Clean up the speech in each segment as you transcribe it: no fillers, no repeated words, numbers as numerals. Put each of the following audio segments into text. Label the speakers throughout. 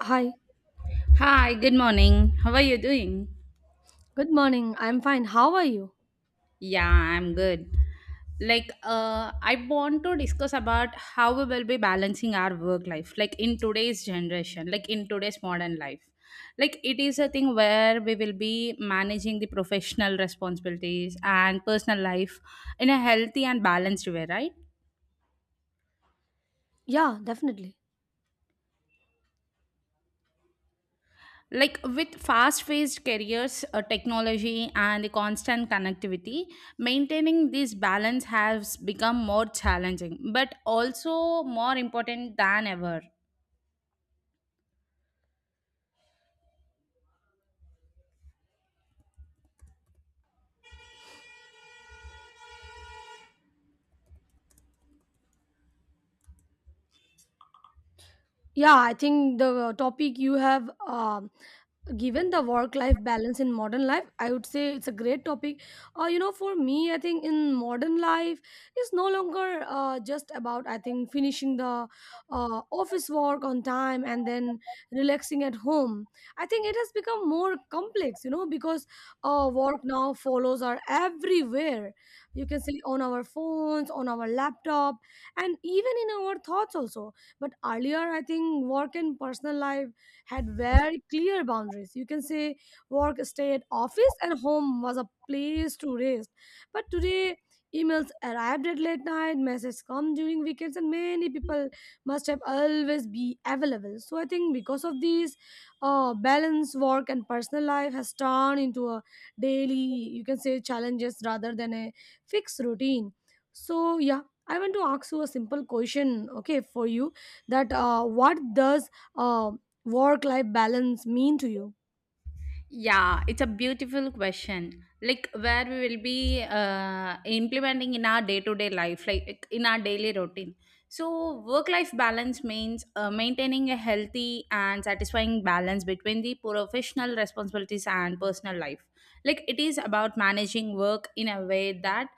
Speaker 1: Hi,
Speaker 2: Hi, good morning. How are you doing?
Speaker 1: good morning. I'm fine. How are you?
Speaker 2: Yeah, I'm good. I want to discuss about how we will be balancing our work life, like in today's generation, like in today's modern life. Like, it is a thing where we will be managing the professional responsibilities and personal life in a healthy and balanced way, right?
Speaker 1: Yeah, definitely.
Speaker 2: Like with fast-paced careers, technology and the constant connectivity, maintaining this balance has become more challenging but also more important than ever.
Speaker 1: Yeah, I think the topic you have given the work life balance in modern life, I would say it's a great topic. You know, for me, I think in modern life, it's no longer just about, I think, finishing the office work on time and then relaxing at home. I think it has become more complex, you know, because work now follows are everywhere. You can see on our phones, on our laptop, and even in our thoughts also. But earlier, I think work and personal life had very clear boundaries. You can say work stayed office and home was a place to rest. But today, emails arrived at late night, messages come during weekends, and many people must have always be available. So I think because of this, balance work and personal life has turned into a daily, you can say, challenges rather than a fixed routine. So yeah, I want to ask you a simple question, okay, for you that what does uh, work life balance mean to you?
Speaker 2: Yeah, it's a beautiful question. Like where we will be implementing in our day-to-day life, like in our daily routine. So work-life balance means maintaining a healthy and satisfying balance between the professional responsibilities and personal life. Like it is about managing work in a way that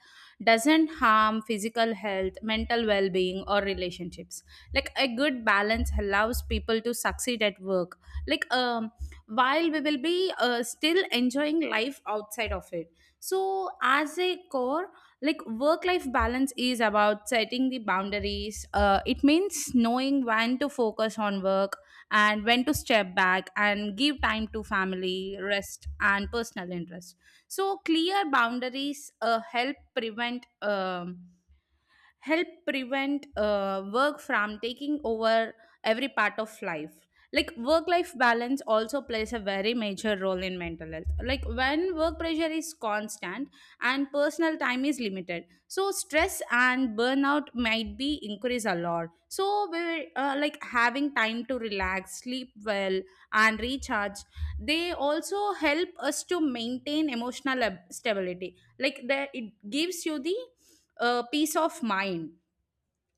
Speaker 2: doesn't harm physical health, mental well-being, or relationships. Like a good balance allows people to succeed at work. Like, while we will be still enjoying life outside of it, so as a core, like work life balance is about setting the boundaries. It means knowing when to focus on work and when to step back and give time to family, rest and personal interest. So clear boundaries help prevent help prevent work from taking over every part of life. Like work life balance also plays a very major role in mental health, like when work pressure is constant and personal time is limited, so stress and burnout might be increase a lot. So we, like having time to relax, sleep well and recharge, they also help us to maintain emotional stability. Like it gives you the peace of mind.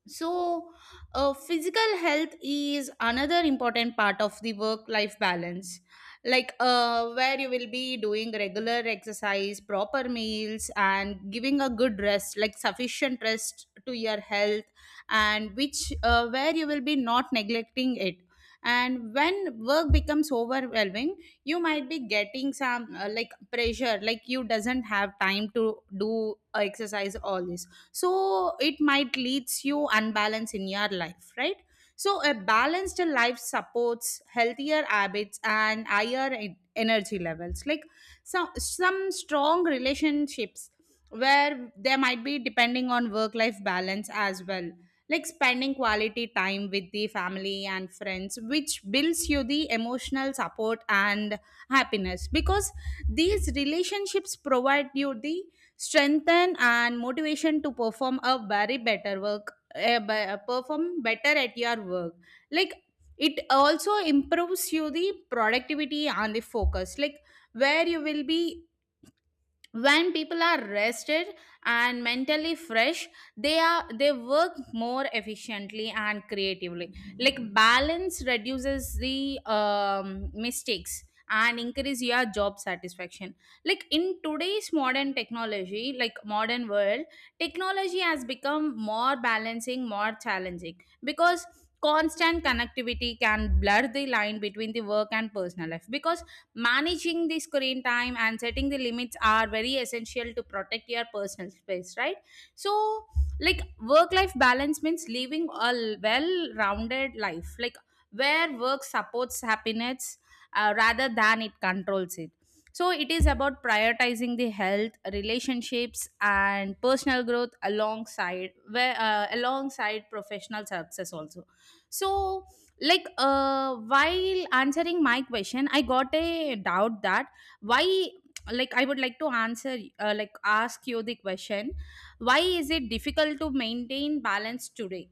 Speaker 2: So physical health is another important part of the work life balance, like where you will be doing regular exercise, proper meals and giving a good rest, like sufficient rest to your health, and which where you will be not neglecting it. And when work becomes overwhelming, you might be getting some like pressure, like you doesn't have time to do exercise all this, so it might leads you unbalance in your life, right? So a balanced life supports healthier habits and higher energy levels, like some strong relationships, where there might be depending on work life balance as well, like spending quality time with the family and friends, which builds you the emotional support and happiness, because these relationships provide you the strengthen and motivation to perform a very better work, perform better at your work. Like it also improves you the productivity and the focus, like where you will be, when people are rested and mentally fresh, they work more efficiently and creatively. Like balance reduces the mistakes and increase your job satisfaction. Like in today's modern technology, like modern world, technology has become more balancing, more challenging, because constant connectivity can blur the line between the work and personal life, because managing the screen time and setting the limits are very essential to protect your personal space, right? So like work life balance means living a well rounded life, like where work supports happiness, rather than it controls it. So it is about prioritizing the health, relationships and personal growth alongside, where alongside professional success also. So like while answering my question, I got a doubt that why, like I would like to answer, like ask you the question, why is it difficult to maintain balance today?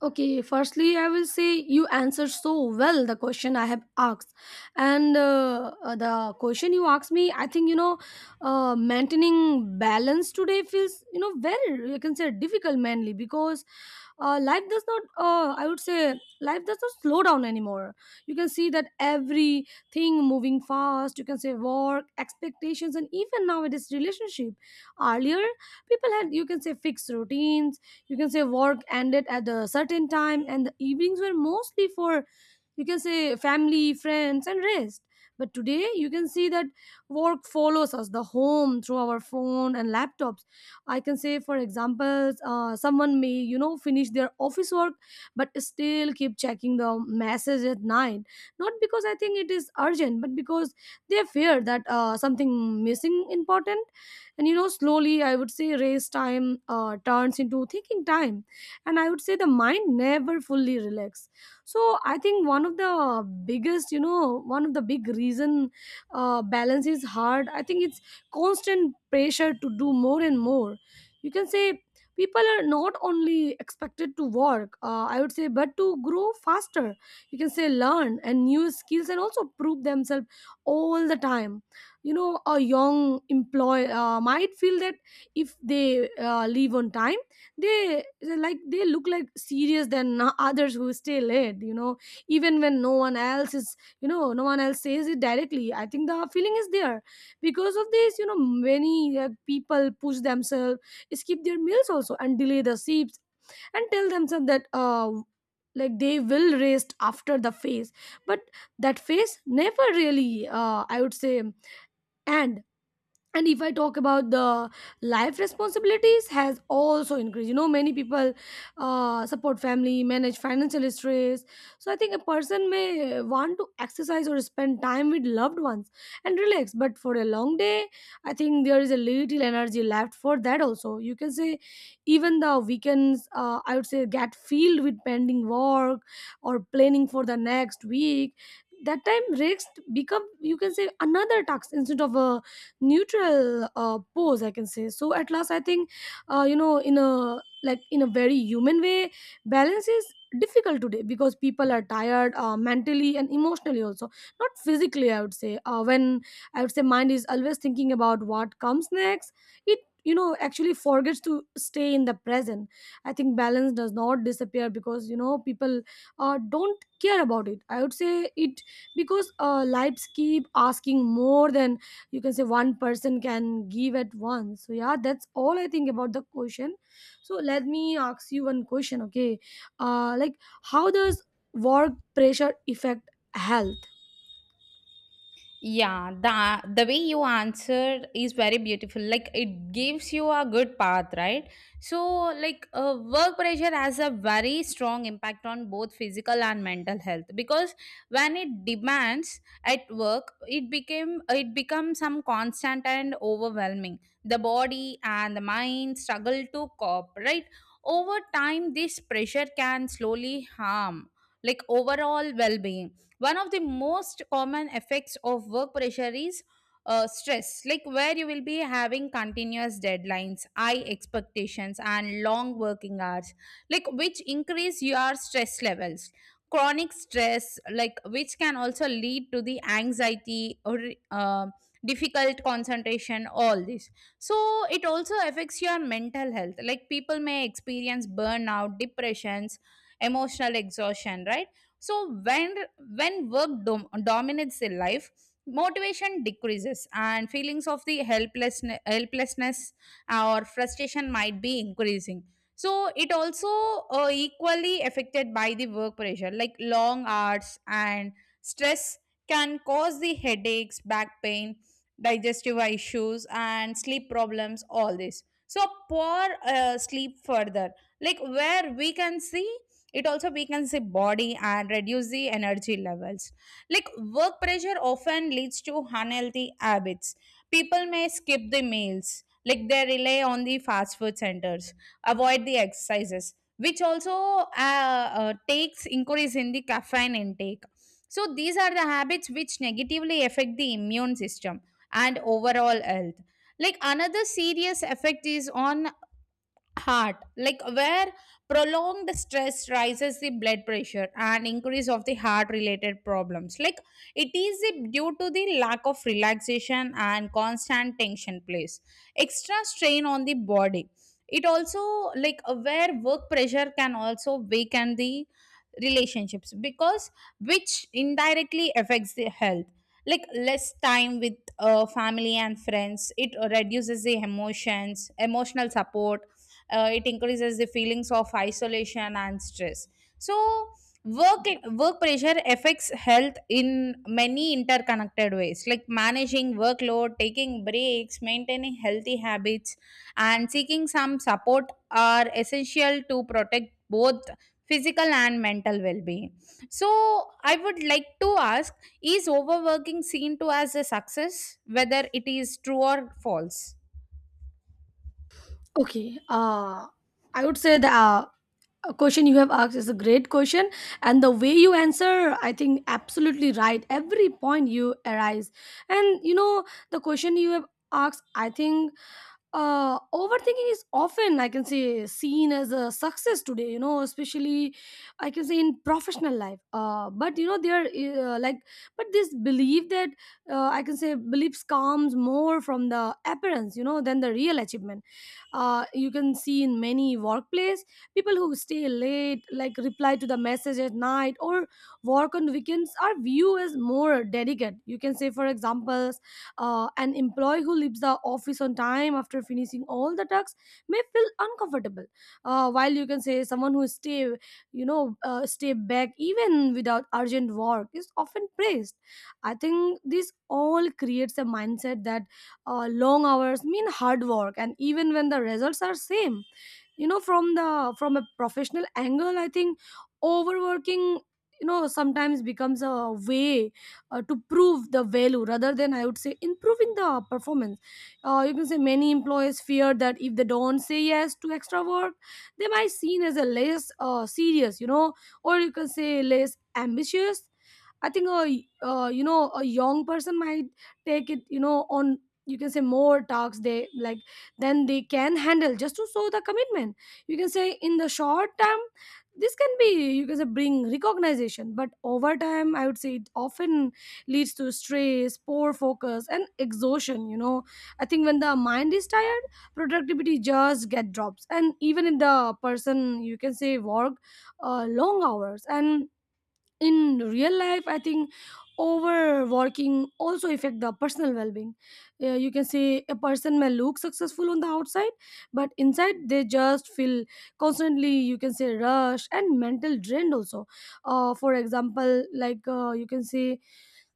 Speaker 1: Okay, firstly, I will say you answered so well the question I have asked. And the question you asked me, I think, you know, maintaining balance today feels, you know, very, you can say, difficult mainly because life does not, I would say, life does not slow down anymore. You can see that everything moving fast, you can say, work, expectations, and even now it is relationship. Earlier, people had, you can say, fixed routines. You can say work ended at a certain time and the evenings were mostly for, you can say, family friends and rest. But today you can see that work follows us the home through our phone and laptops. I can say for example, someone may, you know, finish their office work but still keep checking the message at night, not because I think it is urgent but because they fear that something missing important. And you know, slowly, I would say race time turns into thinking time, and I would say the mind never fully relax. So I think one of the biggest, you know, one of the big reason balance is hard, I think it's constant pressure to do more and more. You can say people are not only expected to work, I would say, but to grow faster, you can say learn and new skills and also prove themselves all the time. You know, a young employee might feel that if they leave on time, they like they look like serious than others who stay late, you know, even when no one else is, you know, no one else says it directly, I think the feeling is there. Because of this, you know, many people push themselves, skip their meals also and delay the sleeps and tell themselves that like they will rest after the phase. But that phase never really I would say end. And if I talk about the life responsibilities has also increased, you know, many people support family, manage financial stress. So I think a person may want to exercise or spend time with loved ones and relax, but for a long day, I think there is a little energy left for that also, you can say. Even the weekends, I would say, get filled with pending work or planning for the next week. That time rest become, you can say, another task instead of a neutral pose, I can say. So at last I think, you know, in a like in a very human way, balance is difficult today because people are tired mentally and emotionally also, not physically, I would say. When, I would say, mind is always thinking about what comes next, it, you know, actually forgets to stay in the present. I think balance does not disappear because, you know, people don't care about it, I would say. It, because lives keep asking more than, you can say, one person can give at once. So yeah, that's all I think about the question. So let me ask you one question, okay, like, how does work pressure affect health?
Speaker 2: Yeah, the way you answered is very beautiful. Like it gives you a good path, right? So, like work pressure has a very strong impact on both physical and mental health, because when it demands at work, it becomes some constant and overwhelming. The body and the mind struggle to cope, right? Over time, this pressure can slowly harm like overall well-being. One of the most common effects of work pressure is stress, like where you will be having continuous deadlines, high expectations and long working hours, like which increase your stress levels. Chronic stress, like which can also lead to the anxiety or uh, difficult concentration, all this. So it also affects your mental health, like people may experience burnout, depressions, emotional exhaustion, right? So when, dominates in life, motivation decreases and feelings of the helplessness or frustration might be increasing. So it also, equally affected by the work pressure, like long hours and stress can cause the headaches, back pain, digestive issues and sleep problems, all this. So poor sleep further, like where we can see, it also weakens the body and reduce the energy levels. Like work pressure often leads to unhealthy habits, people may skip the meals, like they rely on the fast food centers, avoid the exercises, which also takes increase in the caffeine intake. So these are the habits which negatively affect the immune system and overall health. Like another serious effect is on heart, like where prolonged stress rises the blood pressure and increase of the heart related problems, like due to the lack of relaxation and constant tension place extra strain on the body. It also, like where work pressure can also weaken the relationships, because which indirectly affects the health, like less time with family and friends, it reduces the emotions emotional support, it increases the feelings of isolation and stress. So work work pressure affects health in many interconnected ways, like managing workload, taking breaks, maintaining healthy habits and seeking some support are essential to protect both physical and mental well-being. So I would like to ask, is overworking seen to as a success, whether it is true or false?
Speaker 1: Okay, I would say the question you have asked is a great question, and the way you answer, I think absolutely right every point you arise. And you know, the question you have asked, I think overthinking is often, I can say, seen as a success today, you know, especially, I can say, in professional life. But you know, there uh, like but this belief that I can say beliefs comes more from the appearance, you know, than the real achievement. You can see in many workplace people who stay late, like reply to the message at night or work on weekends, are viewed as more dedicated. You can say, for examples, an employee who leaves the office on time after finishing all the tasks may feel uncomfortable, while, you can say, someone who stay, stay back even without urgent work is often praised. I think this all creates a mindset that long hours mean hard work and even when the results are same. You know, from the from a professional angle, I think overworking, you know, sometimes becomes a way to prove the value rather than, I would say, improving the performance. You can say many employees fear that if they don't say yes to extra work, they might seen as a less serious, you know, or, you can say, less ambitious. I think a you know, a young person might take it, you know, on, you can say, more tasks they like than they can handle just to show the commitment. You can say in the short term this can be, you can say, bring recognition, but over time I would say it often leads to stress, poor focus, and exhaustion. You know, I think when the mind is tired, productivity just get drops, and even if the person you can say work long hours and in real life, I think overworking also affect the personal well-being. You can say a person may look successful on the outside but inside they just feel constantly, you can say, rush and mental drained also. For example, you can say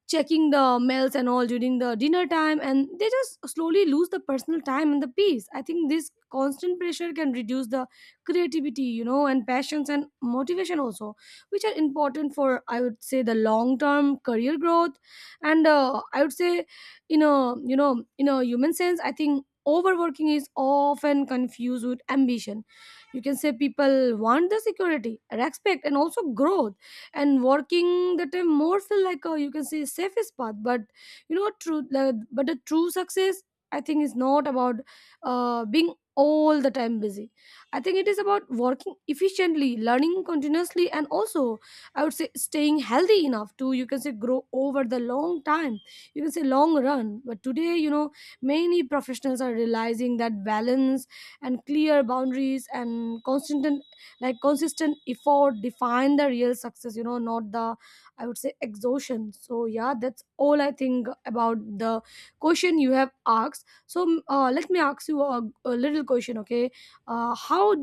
Speaker 1: checking the mails and all during the dinner time, and they just slowly lose the personal time and the peace. I think this constant pressure can reduce the creativity, you know, and passions and motivation also, which are important for, I would say, the long term career growth. And I would say in a, you know, in a human sense, I think overworking is often confused with ambition. You can say people want the security, respect and also growth, and working that time more feel like a, you can say, safest path. But you know, but the true success, I think, is not about being all the time busy. I think it is about working efficiently, learning continuously, and also, I would say, staying healthy enough to, you can say, grow over the long time, you can say long run. But today, you know, many professionals are realizing that balance and clear boundaries and constant like consistent effort define the real success, you know, not the, I would say, exhaustion. So yeah, that's all I think about the question you have asked. So let me ask you a little question, okay. How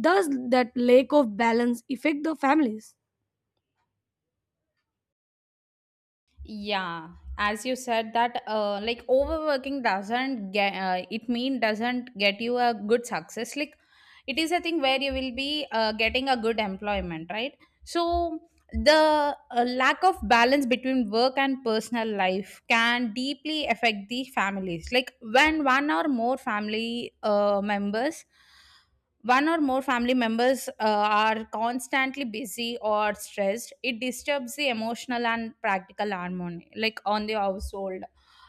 Speaker 1: does that lack of balance affect the families?
Speaker 2: Yeah, as you said that, like overworking doesn't get, it mean doesn't get you a good success, like it is a thing where you will be getting a good employment, right? So the lack of balance between work and personal life can deeply affect the families, like when one or more family members are constantly busy or stressed, it disturbs the emotional and practical harmony, like on the household.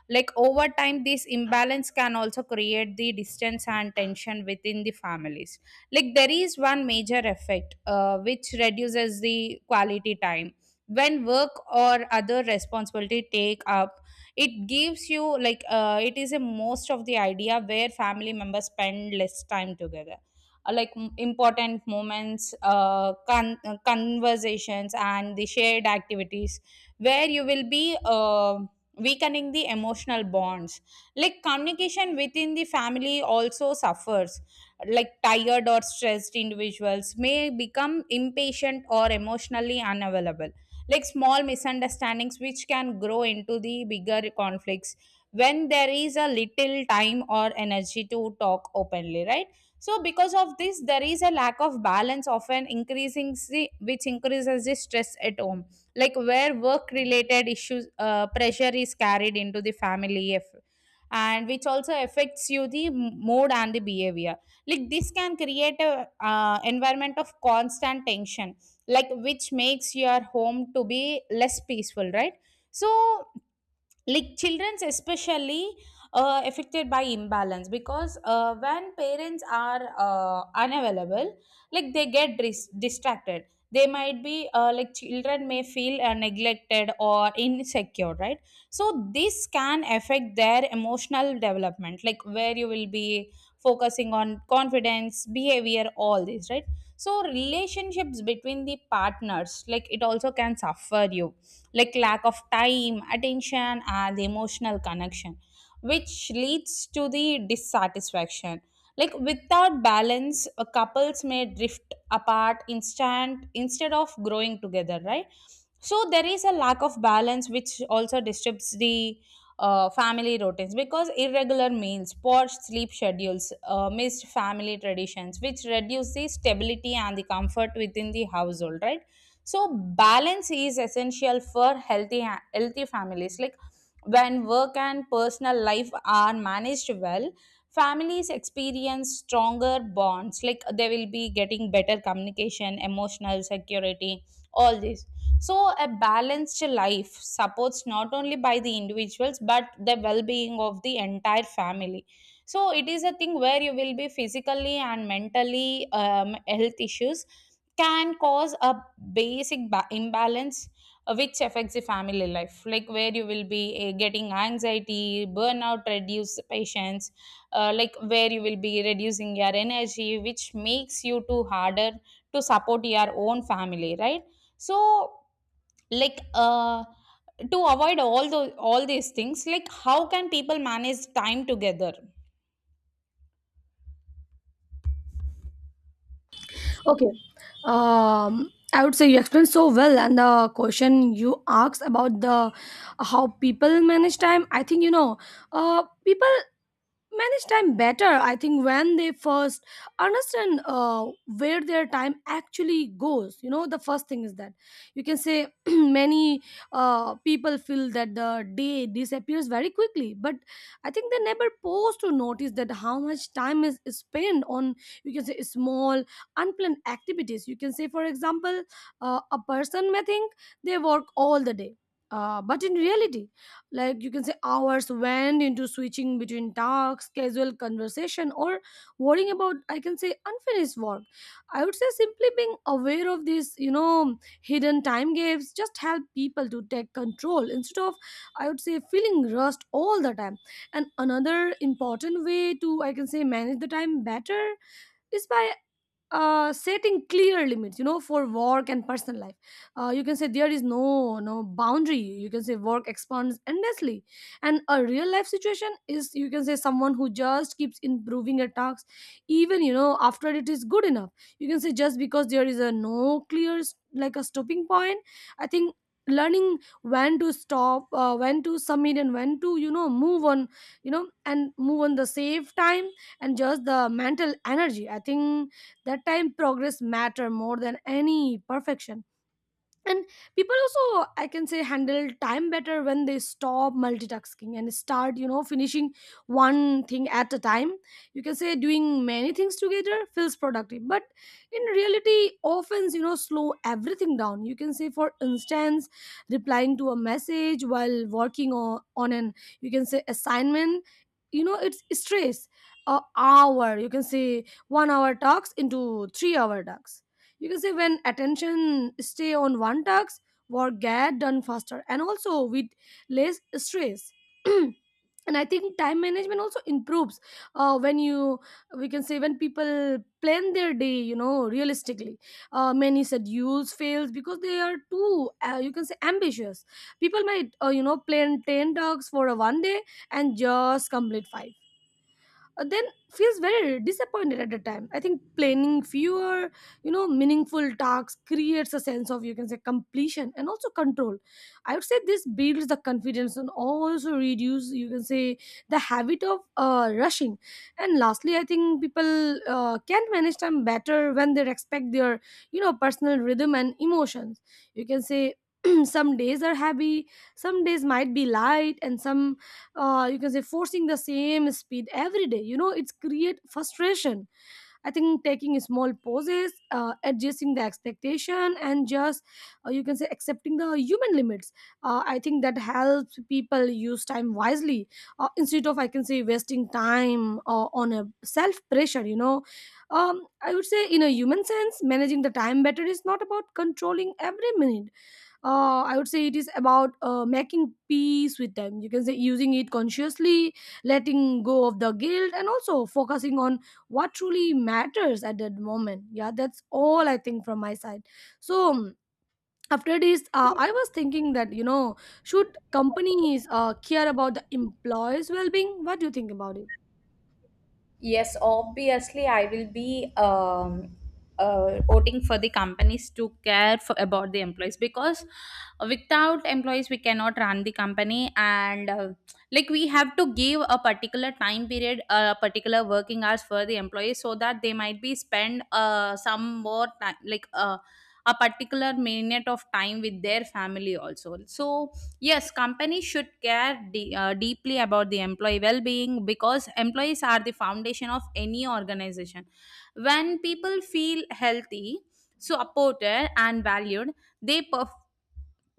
Speaker 2: Like over time this imbalance can also create the distance and tension within the families. Like there is one major effect which reduces the quality time. When work or other responsibility take up, it gives you like, it is a most of the idea where family members spend less time together, like important moments, conversations and the shared activities, where you will be weakening the emotional bonds. Like communication within the family also suffers, like tired or stressed individuals may become impatient or emotionally unavailable, like small misunderstandings which can grow into the bigger conflicts when there is a little time or energy to talk openly, right? So because of this, there is a lack of balance often increasing the which increases the stress at home, like where work related issues pressure is carried into the family, and which also affects you the mood and the behavior. Like this can create a environment of constant tension, like which makes your home to be less peaceful, right? So like children's especially affected by imbalance, because when parents are unavailable, like they get distracted, they might be, like children may feel neglected or insecure, right? So this can affect their emotional development, like where you will be focusing on confidence, behavior, all this, right? So relationships between the partners, like it also can suffer you, like lack of time, attention and the emotional connection, which leads to the dissatisfaction. Like without balance, couples may drift apart instant instead of growing together, right? So there is a lack of balance which also disturbs the family routines, because irregular meals, poor sleep schedules, missed family traditions, which reduce the stability and the comfort within the household, right? So balance is essential for healthy healthy families, like when work and personal life are managed well, families experience stronger bonds, like they will be getting better communication, emotional security, all this. So a balanced life supports not only by the individuals but the well-being of the entire family. So it is a thing where you will be physically and mentally, health issues can cause a basic imbalance, which affects the family life, like where you will be getting anxiety, burnout, reduce patience, like where you will be reducing your energy, which makes you to harder to support your own family, right? So like to avoid all those, all these things, like how can people manage time together?
Speaker 1: Okay, I would say you explained so well. And the question you asked about the how people manage time, I think, you know, people manage time better, I think, when they first understand where their time actually goes. You know, the first thing is that, you can say, many people feel that the day disappears very quickly, but I think they never pause to notice that how much time is spent on, you can say, small unplanned activities. You can say for example, a person may think they work all the day, but in reality, like, you can say, hours went into switching between tasks, casual conversation, or worrying about, I can say, unfinished work. I would say simply being aware of these, you know, hidden time gaps just help people to take control instead of, I would say, feeling rushed all the time. And another important way to, I can say, manage the time better is by setting clear limits, you know, for work and personal life. You can say there is no boundary, you can say work expands endlessly, and A real life situation is, you can say, someone who just keeps improving a task even after it is good enough. You can say just because there is a no clear like a stopping point. I think learning when to stop, when to submit, and when to move on, and move on the safe time and just the mental energy. I think that time progress matter more than any perfection. And people also, I can say, handle time better when they stop multitasking and start finishing one thing at a time. You can say doing many things together feels productive, but in reality often slow everything down. You can say, for instance, replying to a message while working on, an, you can say, assignment, it's stress. A hour, you can say, 1 hour talks into 3 hour talks. You can say when attention stay on one task, work get done faster and also with less stress. And I think time management also improves when you we can say when people plan their day realistically. Many schedules fails because they are too, you can say, ambitious. People might, plan 10 tasks for a one day and just complete five, then feels very disappointed at the time. I think planning fewer, meaningful tasks creates a sense of, you can say, completion and also control. I would say this builds the confidence and also reduce, you can say, the habit of rushing. And lastly, I think people can manage time better when they respect their personal rhythm and emotions. You can say some days are heavy, some days might be light, and some, you can say, forcing the same speed every day, it's create frustration. I think taking small pauses, adjusting the expectation, and just, you can say, accepting the human limits, I think that helps people use time wisely instead of, I can say, wasting time on a self pressure. I would say in a human sense managing the time better is not about controlling every minute. I would say it is about making peace with them. You can say using it consciously, letting go of the guilt, and also focusing on what truly matters at that moment. Yeah, that's all I think from my side. So after this, I was thinking that, should companies, care about the employees' well-being? What do you think about it?
Speaker 2: Yes, obviously, I will be voting for the companies to care for, about the employees, because without employees, we cannot run the company. And like we have to give a particular time period, a particular working hours for the employees so that they might be spend some more time, like a particular minute of time with their family also. So, yes, companies should care deeply about the employee well being, because employees are the foundation of any organization. When people feel healthy, supported, and valued, they perform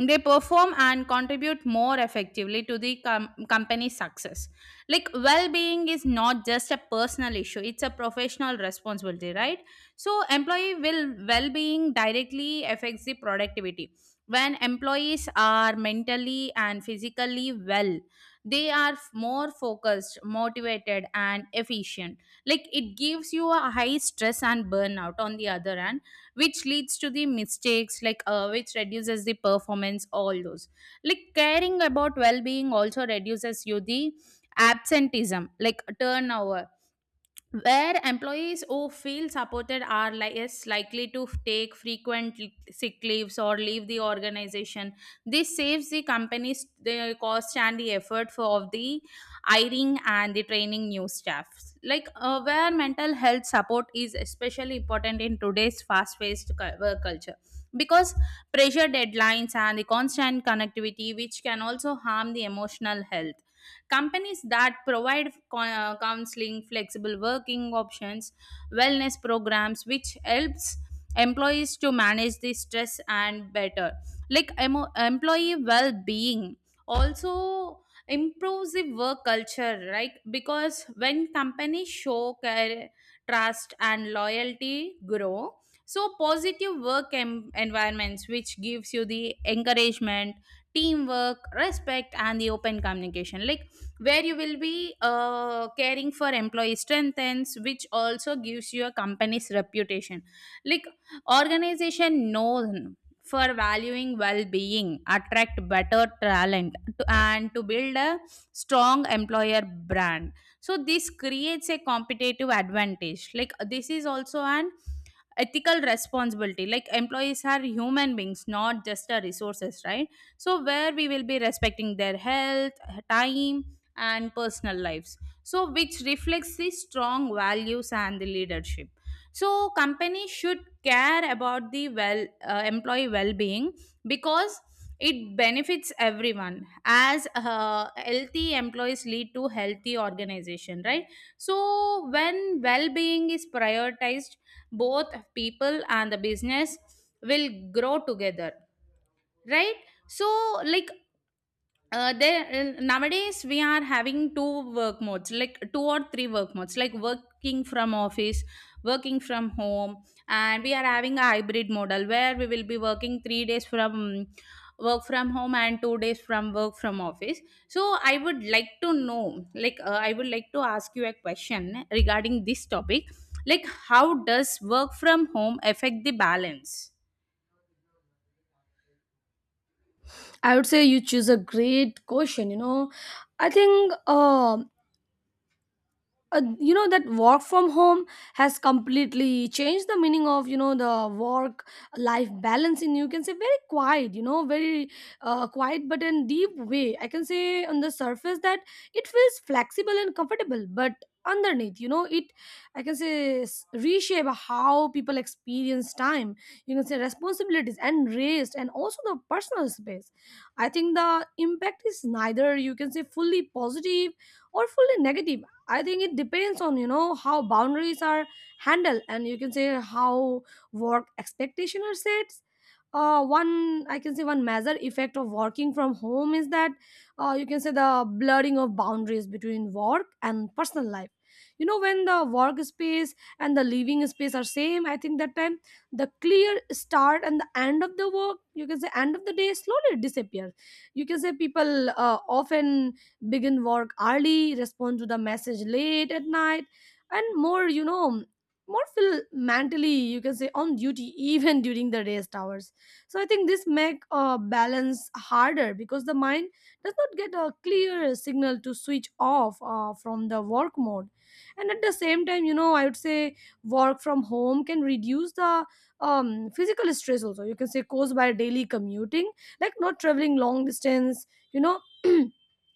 Speaker 2: they perform and contribute more effectively to the company's success. Like, well-being is not just a personal issue, it's a professional responsibility, right? So employee will well-being directly affects the productivity. When employees are mentally and physically well, they are more focused, motivated, and efficient. Like, it gives you a high stress and burnout on the other hand, which leads to the mistakes, like, which reduces the performance, all those. Like, caring about well-being also reduces you the absenteeism, like turnover, where employees who feel supported are less likely to take frequent sick leaves or leave the organization. This saves the companies the cost and the effort for of the hiring and the training new staffs. Like, where mental health support is especially important in today's fast paced work culture, because pressure, deadlines, and the constant connectivity, which can also harm the emotional health. Companies that provide counseling, flexible working options, wellness programs, which helps employees to manage the stress and better. Like employee well being also improves the work culture, right? Because when companies show care, trust, and loyalty grow. So positive work environments, which gives you the encouragement, teamwork, respect, and the open communication. Like, where you will be caring for employee strengthens, which also gives your company's reputation. Like, organization known for valuing well-being attract better talent to, and to build a strong employer brand. So this creates a competitive advantage. Like, this is also an ethical responsibility. Like, employees are human beings, not just a resources, right? So where we will be respecting their health, time, and personal lives, so which reflects the strong values and the leadership. So company should care about the employee well-being, because it benefits everyone, as healthy employees lead to healthy organization, right? So when well being is prioritized, both people and the business will grow together, right? So, like, there nowadays we are having two work modes, like two or three work modes, like working from office, working from home, and we are having a hybrid model where we will be working 3 days from work from home and 2 days from work from office. So I would like to know, like, I would like to ask you a question regarding this topic. Like, how does work from home affect the balance?
Speaker 1: I would say you choose a great question. I think um you know, that work from home has completely changed the meaning of the work life balance in, you can say, very quiet, very quiet but in deep way. I can say on the surface that it feels flexible and comfortable, but underneath, it, I can say, reshape how people experience time, you can say, responsibilities and rest and also the personal space. I think the impact is neither, you can say, fully positive or fully negative. I think it depends on how boundaries are handled and, you can say, how work expectation are set. One, I can say, one major effect of working from home is that, you can say, the blurring of boundaries between work and personal life. When the work space and the living space are same, I think that time the clear start and the end of the work, you can say, end of the day slowly disappears. You can say people often begin work early, respond to the message late at night, and more, more feel mentally, you can say, on duty even during the rest hours. So I think this make balance harder because the mind does not get a clear signal to switch off from the work mode. And at the same time, I would say work from home can reduce the, physical stress also, you can say, caused by daily commuting, like not traveling long distance. you know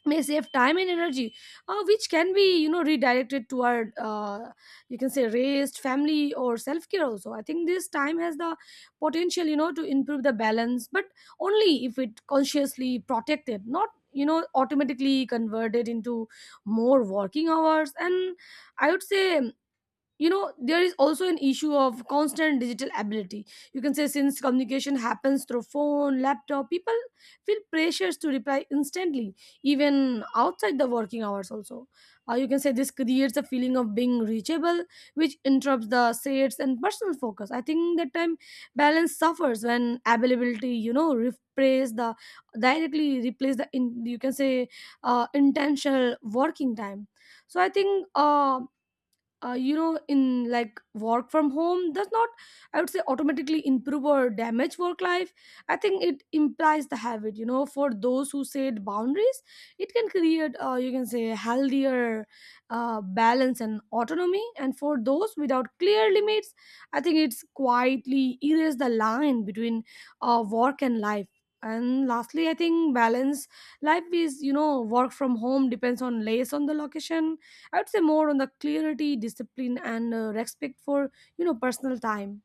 Speaker 1: may save time and energy, which can be, redirected toward, you can say, rest, family, or self-care. Also, I think this time has the potential, to improve the balance, but only if it consciously protected, not, automatically converted into more working hours. And I would say, there is also an issue of constant digital ability. You can say since communication happens through phone, laptop, people feel pressures to reply instantly, even outside the working hours also. You can say this creates a feeling of being reachable, which interrupts the sets and personal focus. I think that time balance suffers when availability, replace the directly replace the in, you can say, intentional working time. So I think in like work from home does not, I would say, automatically improve or damage work life. I think it implies the habit, for those who set boundaries, it can create, you can say, healthier, balance and autonomy. And for those without clear limits, I think it's quietly erase the line between, work and life. And lastly, I think balance life is, work from home, depends on less on the location. I would say more on the clarity, discipline, and, respect for, personal time.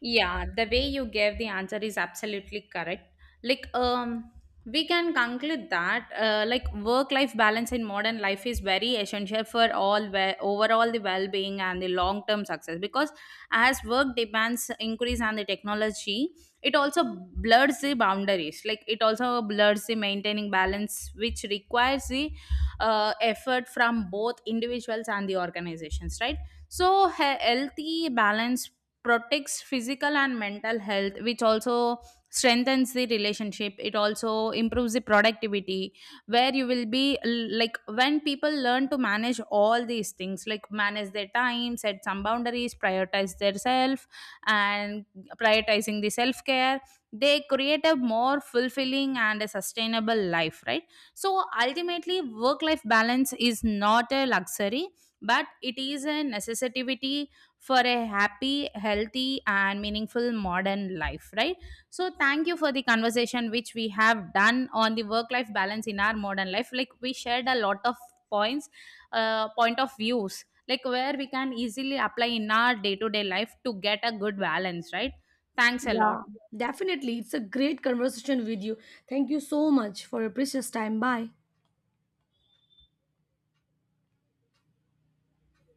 Speaker 2: Yeah, the way you gave the answer is absolutely correct. Like, we can conclude that like work-life balance in modern life is very essential for all overall the well-being and the long-term success, because as work demands increase and the technology, it also blurs the boundaries. Like, it also blurs the maintaining balance, which requires the effort from both individuals and the organizations, right? So healthy balance protects physical and mental health, which also strengthens the relationship, it also improves the productivity, where you will be like when people learn to manage all these things, like manage their time, set some boundaries, prioritize their self, and prioritizing the self care, they create a more fulfilling and a sustainable life, right? So ultimately, work life balance is not a luxury, but it is a necessity for a happy, healthy, and meaningful modern life, right? So, thank you for the conversation which we have done on the work life balance in our modern life. Like, we shared a lot of points, point of views, like where we can easily apply in our day to day life to get a good balance, right? Thanks a lot.
Speaker 1: Yeah, definitely. It's a great conversation with you. Thank you so much for your precious time. Bye.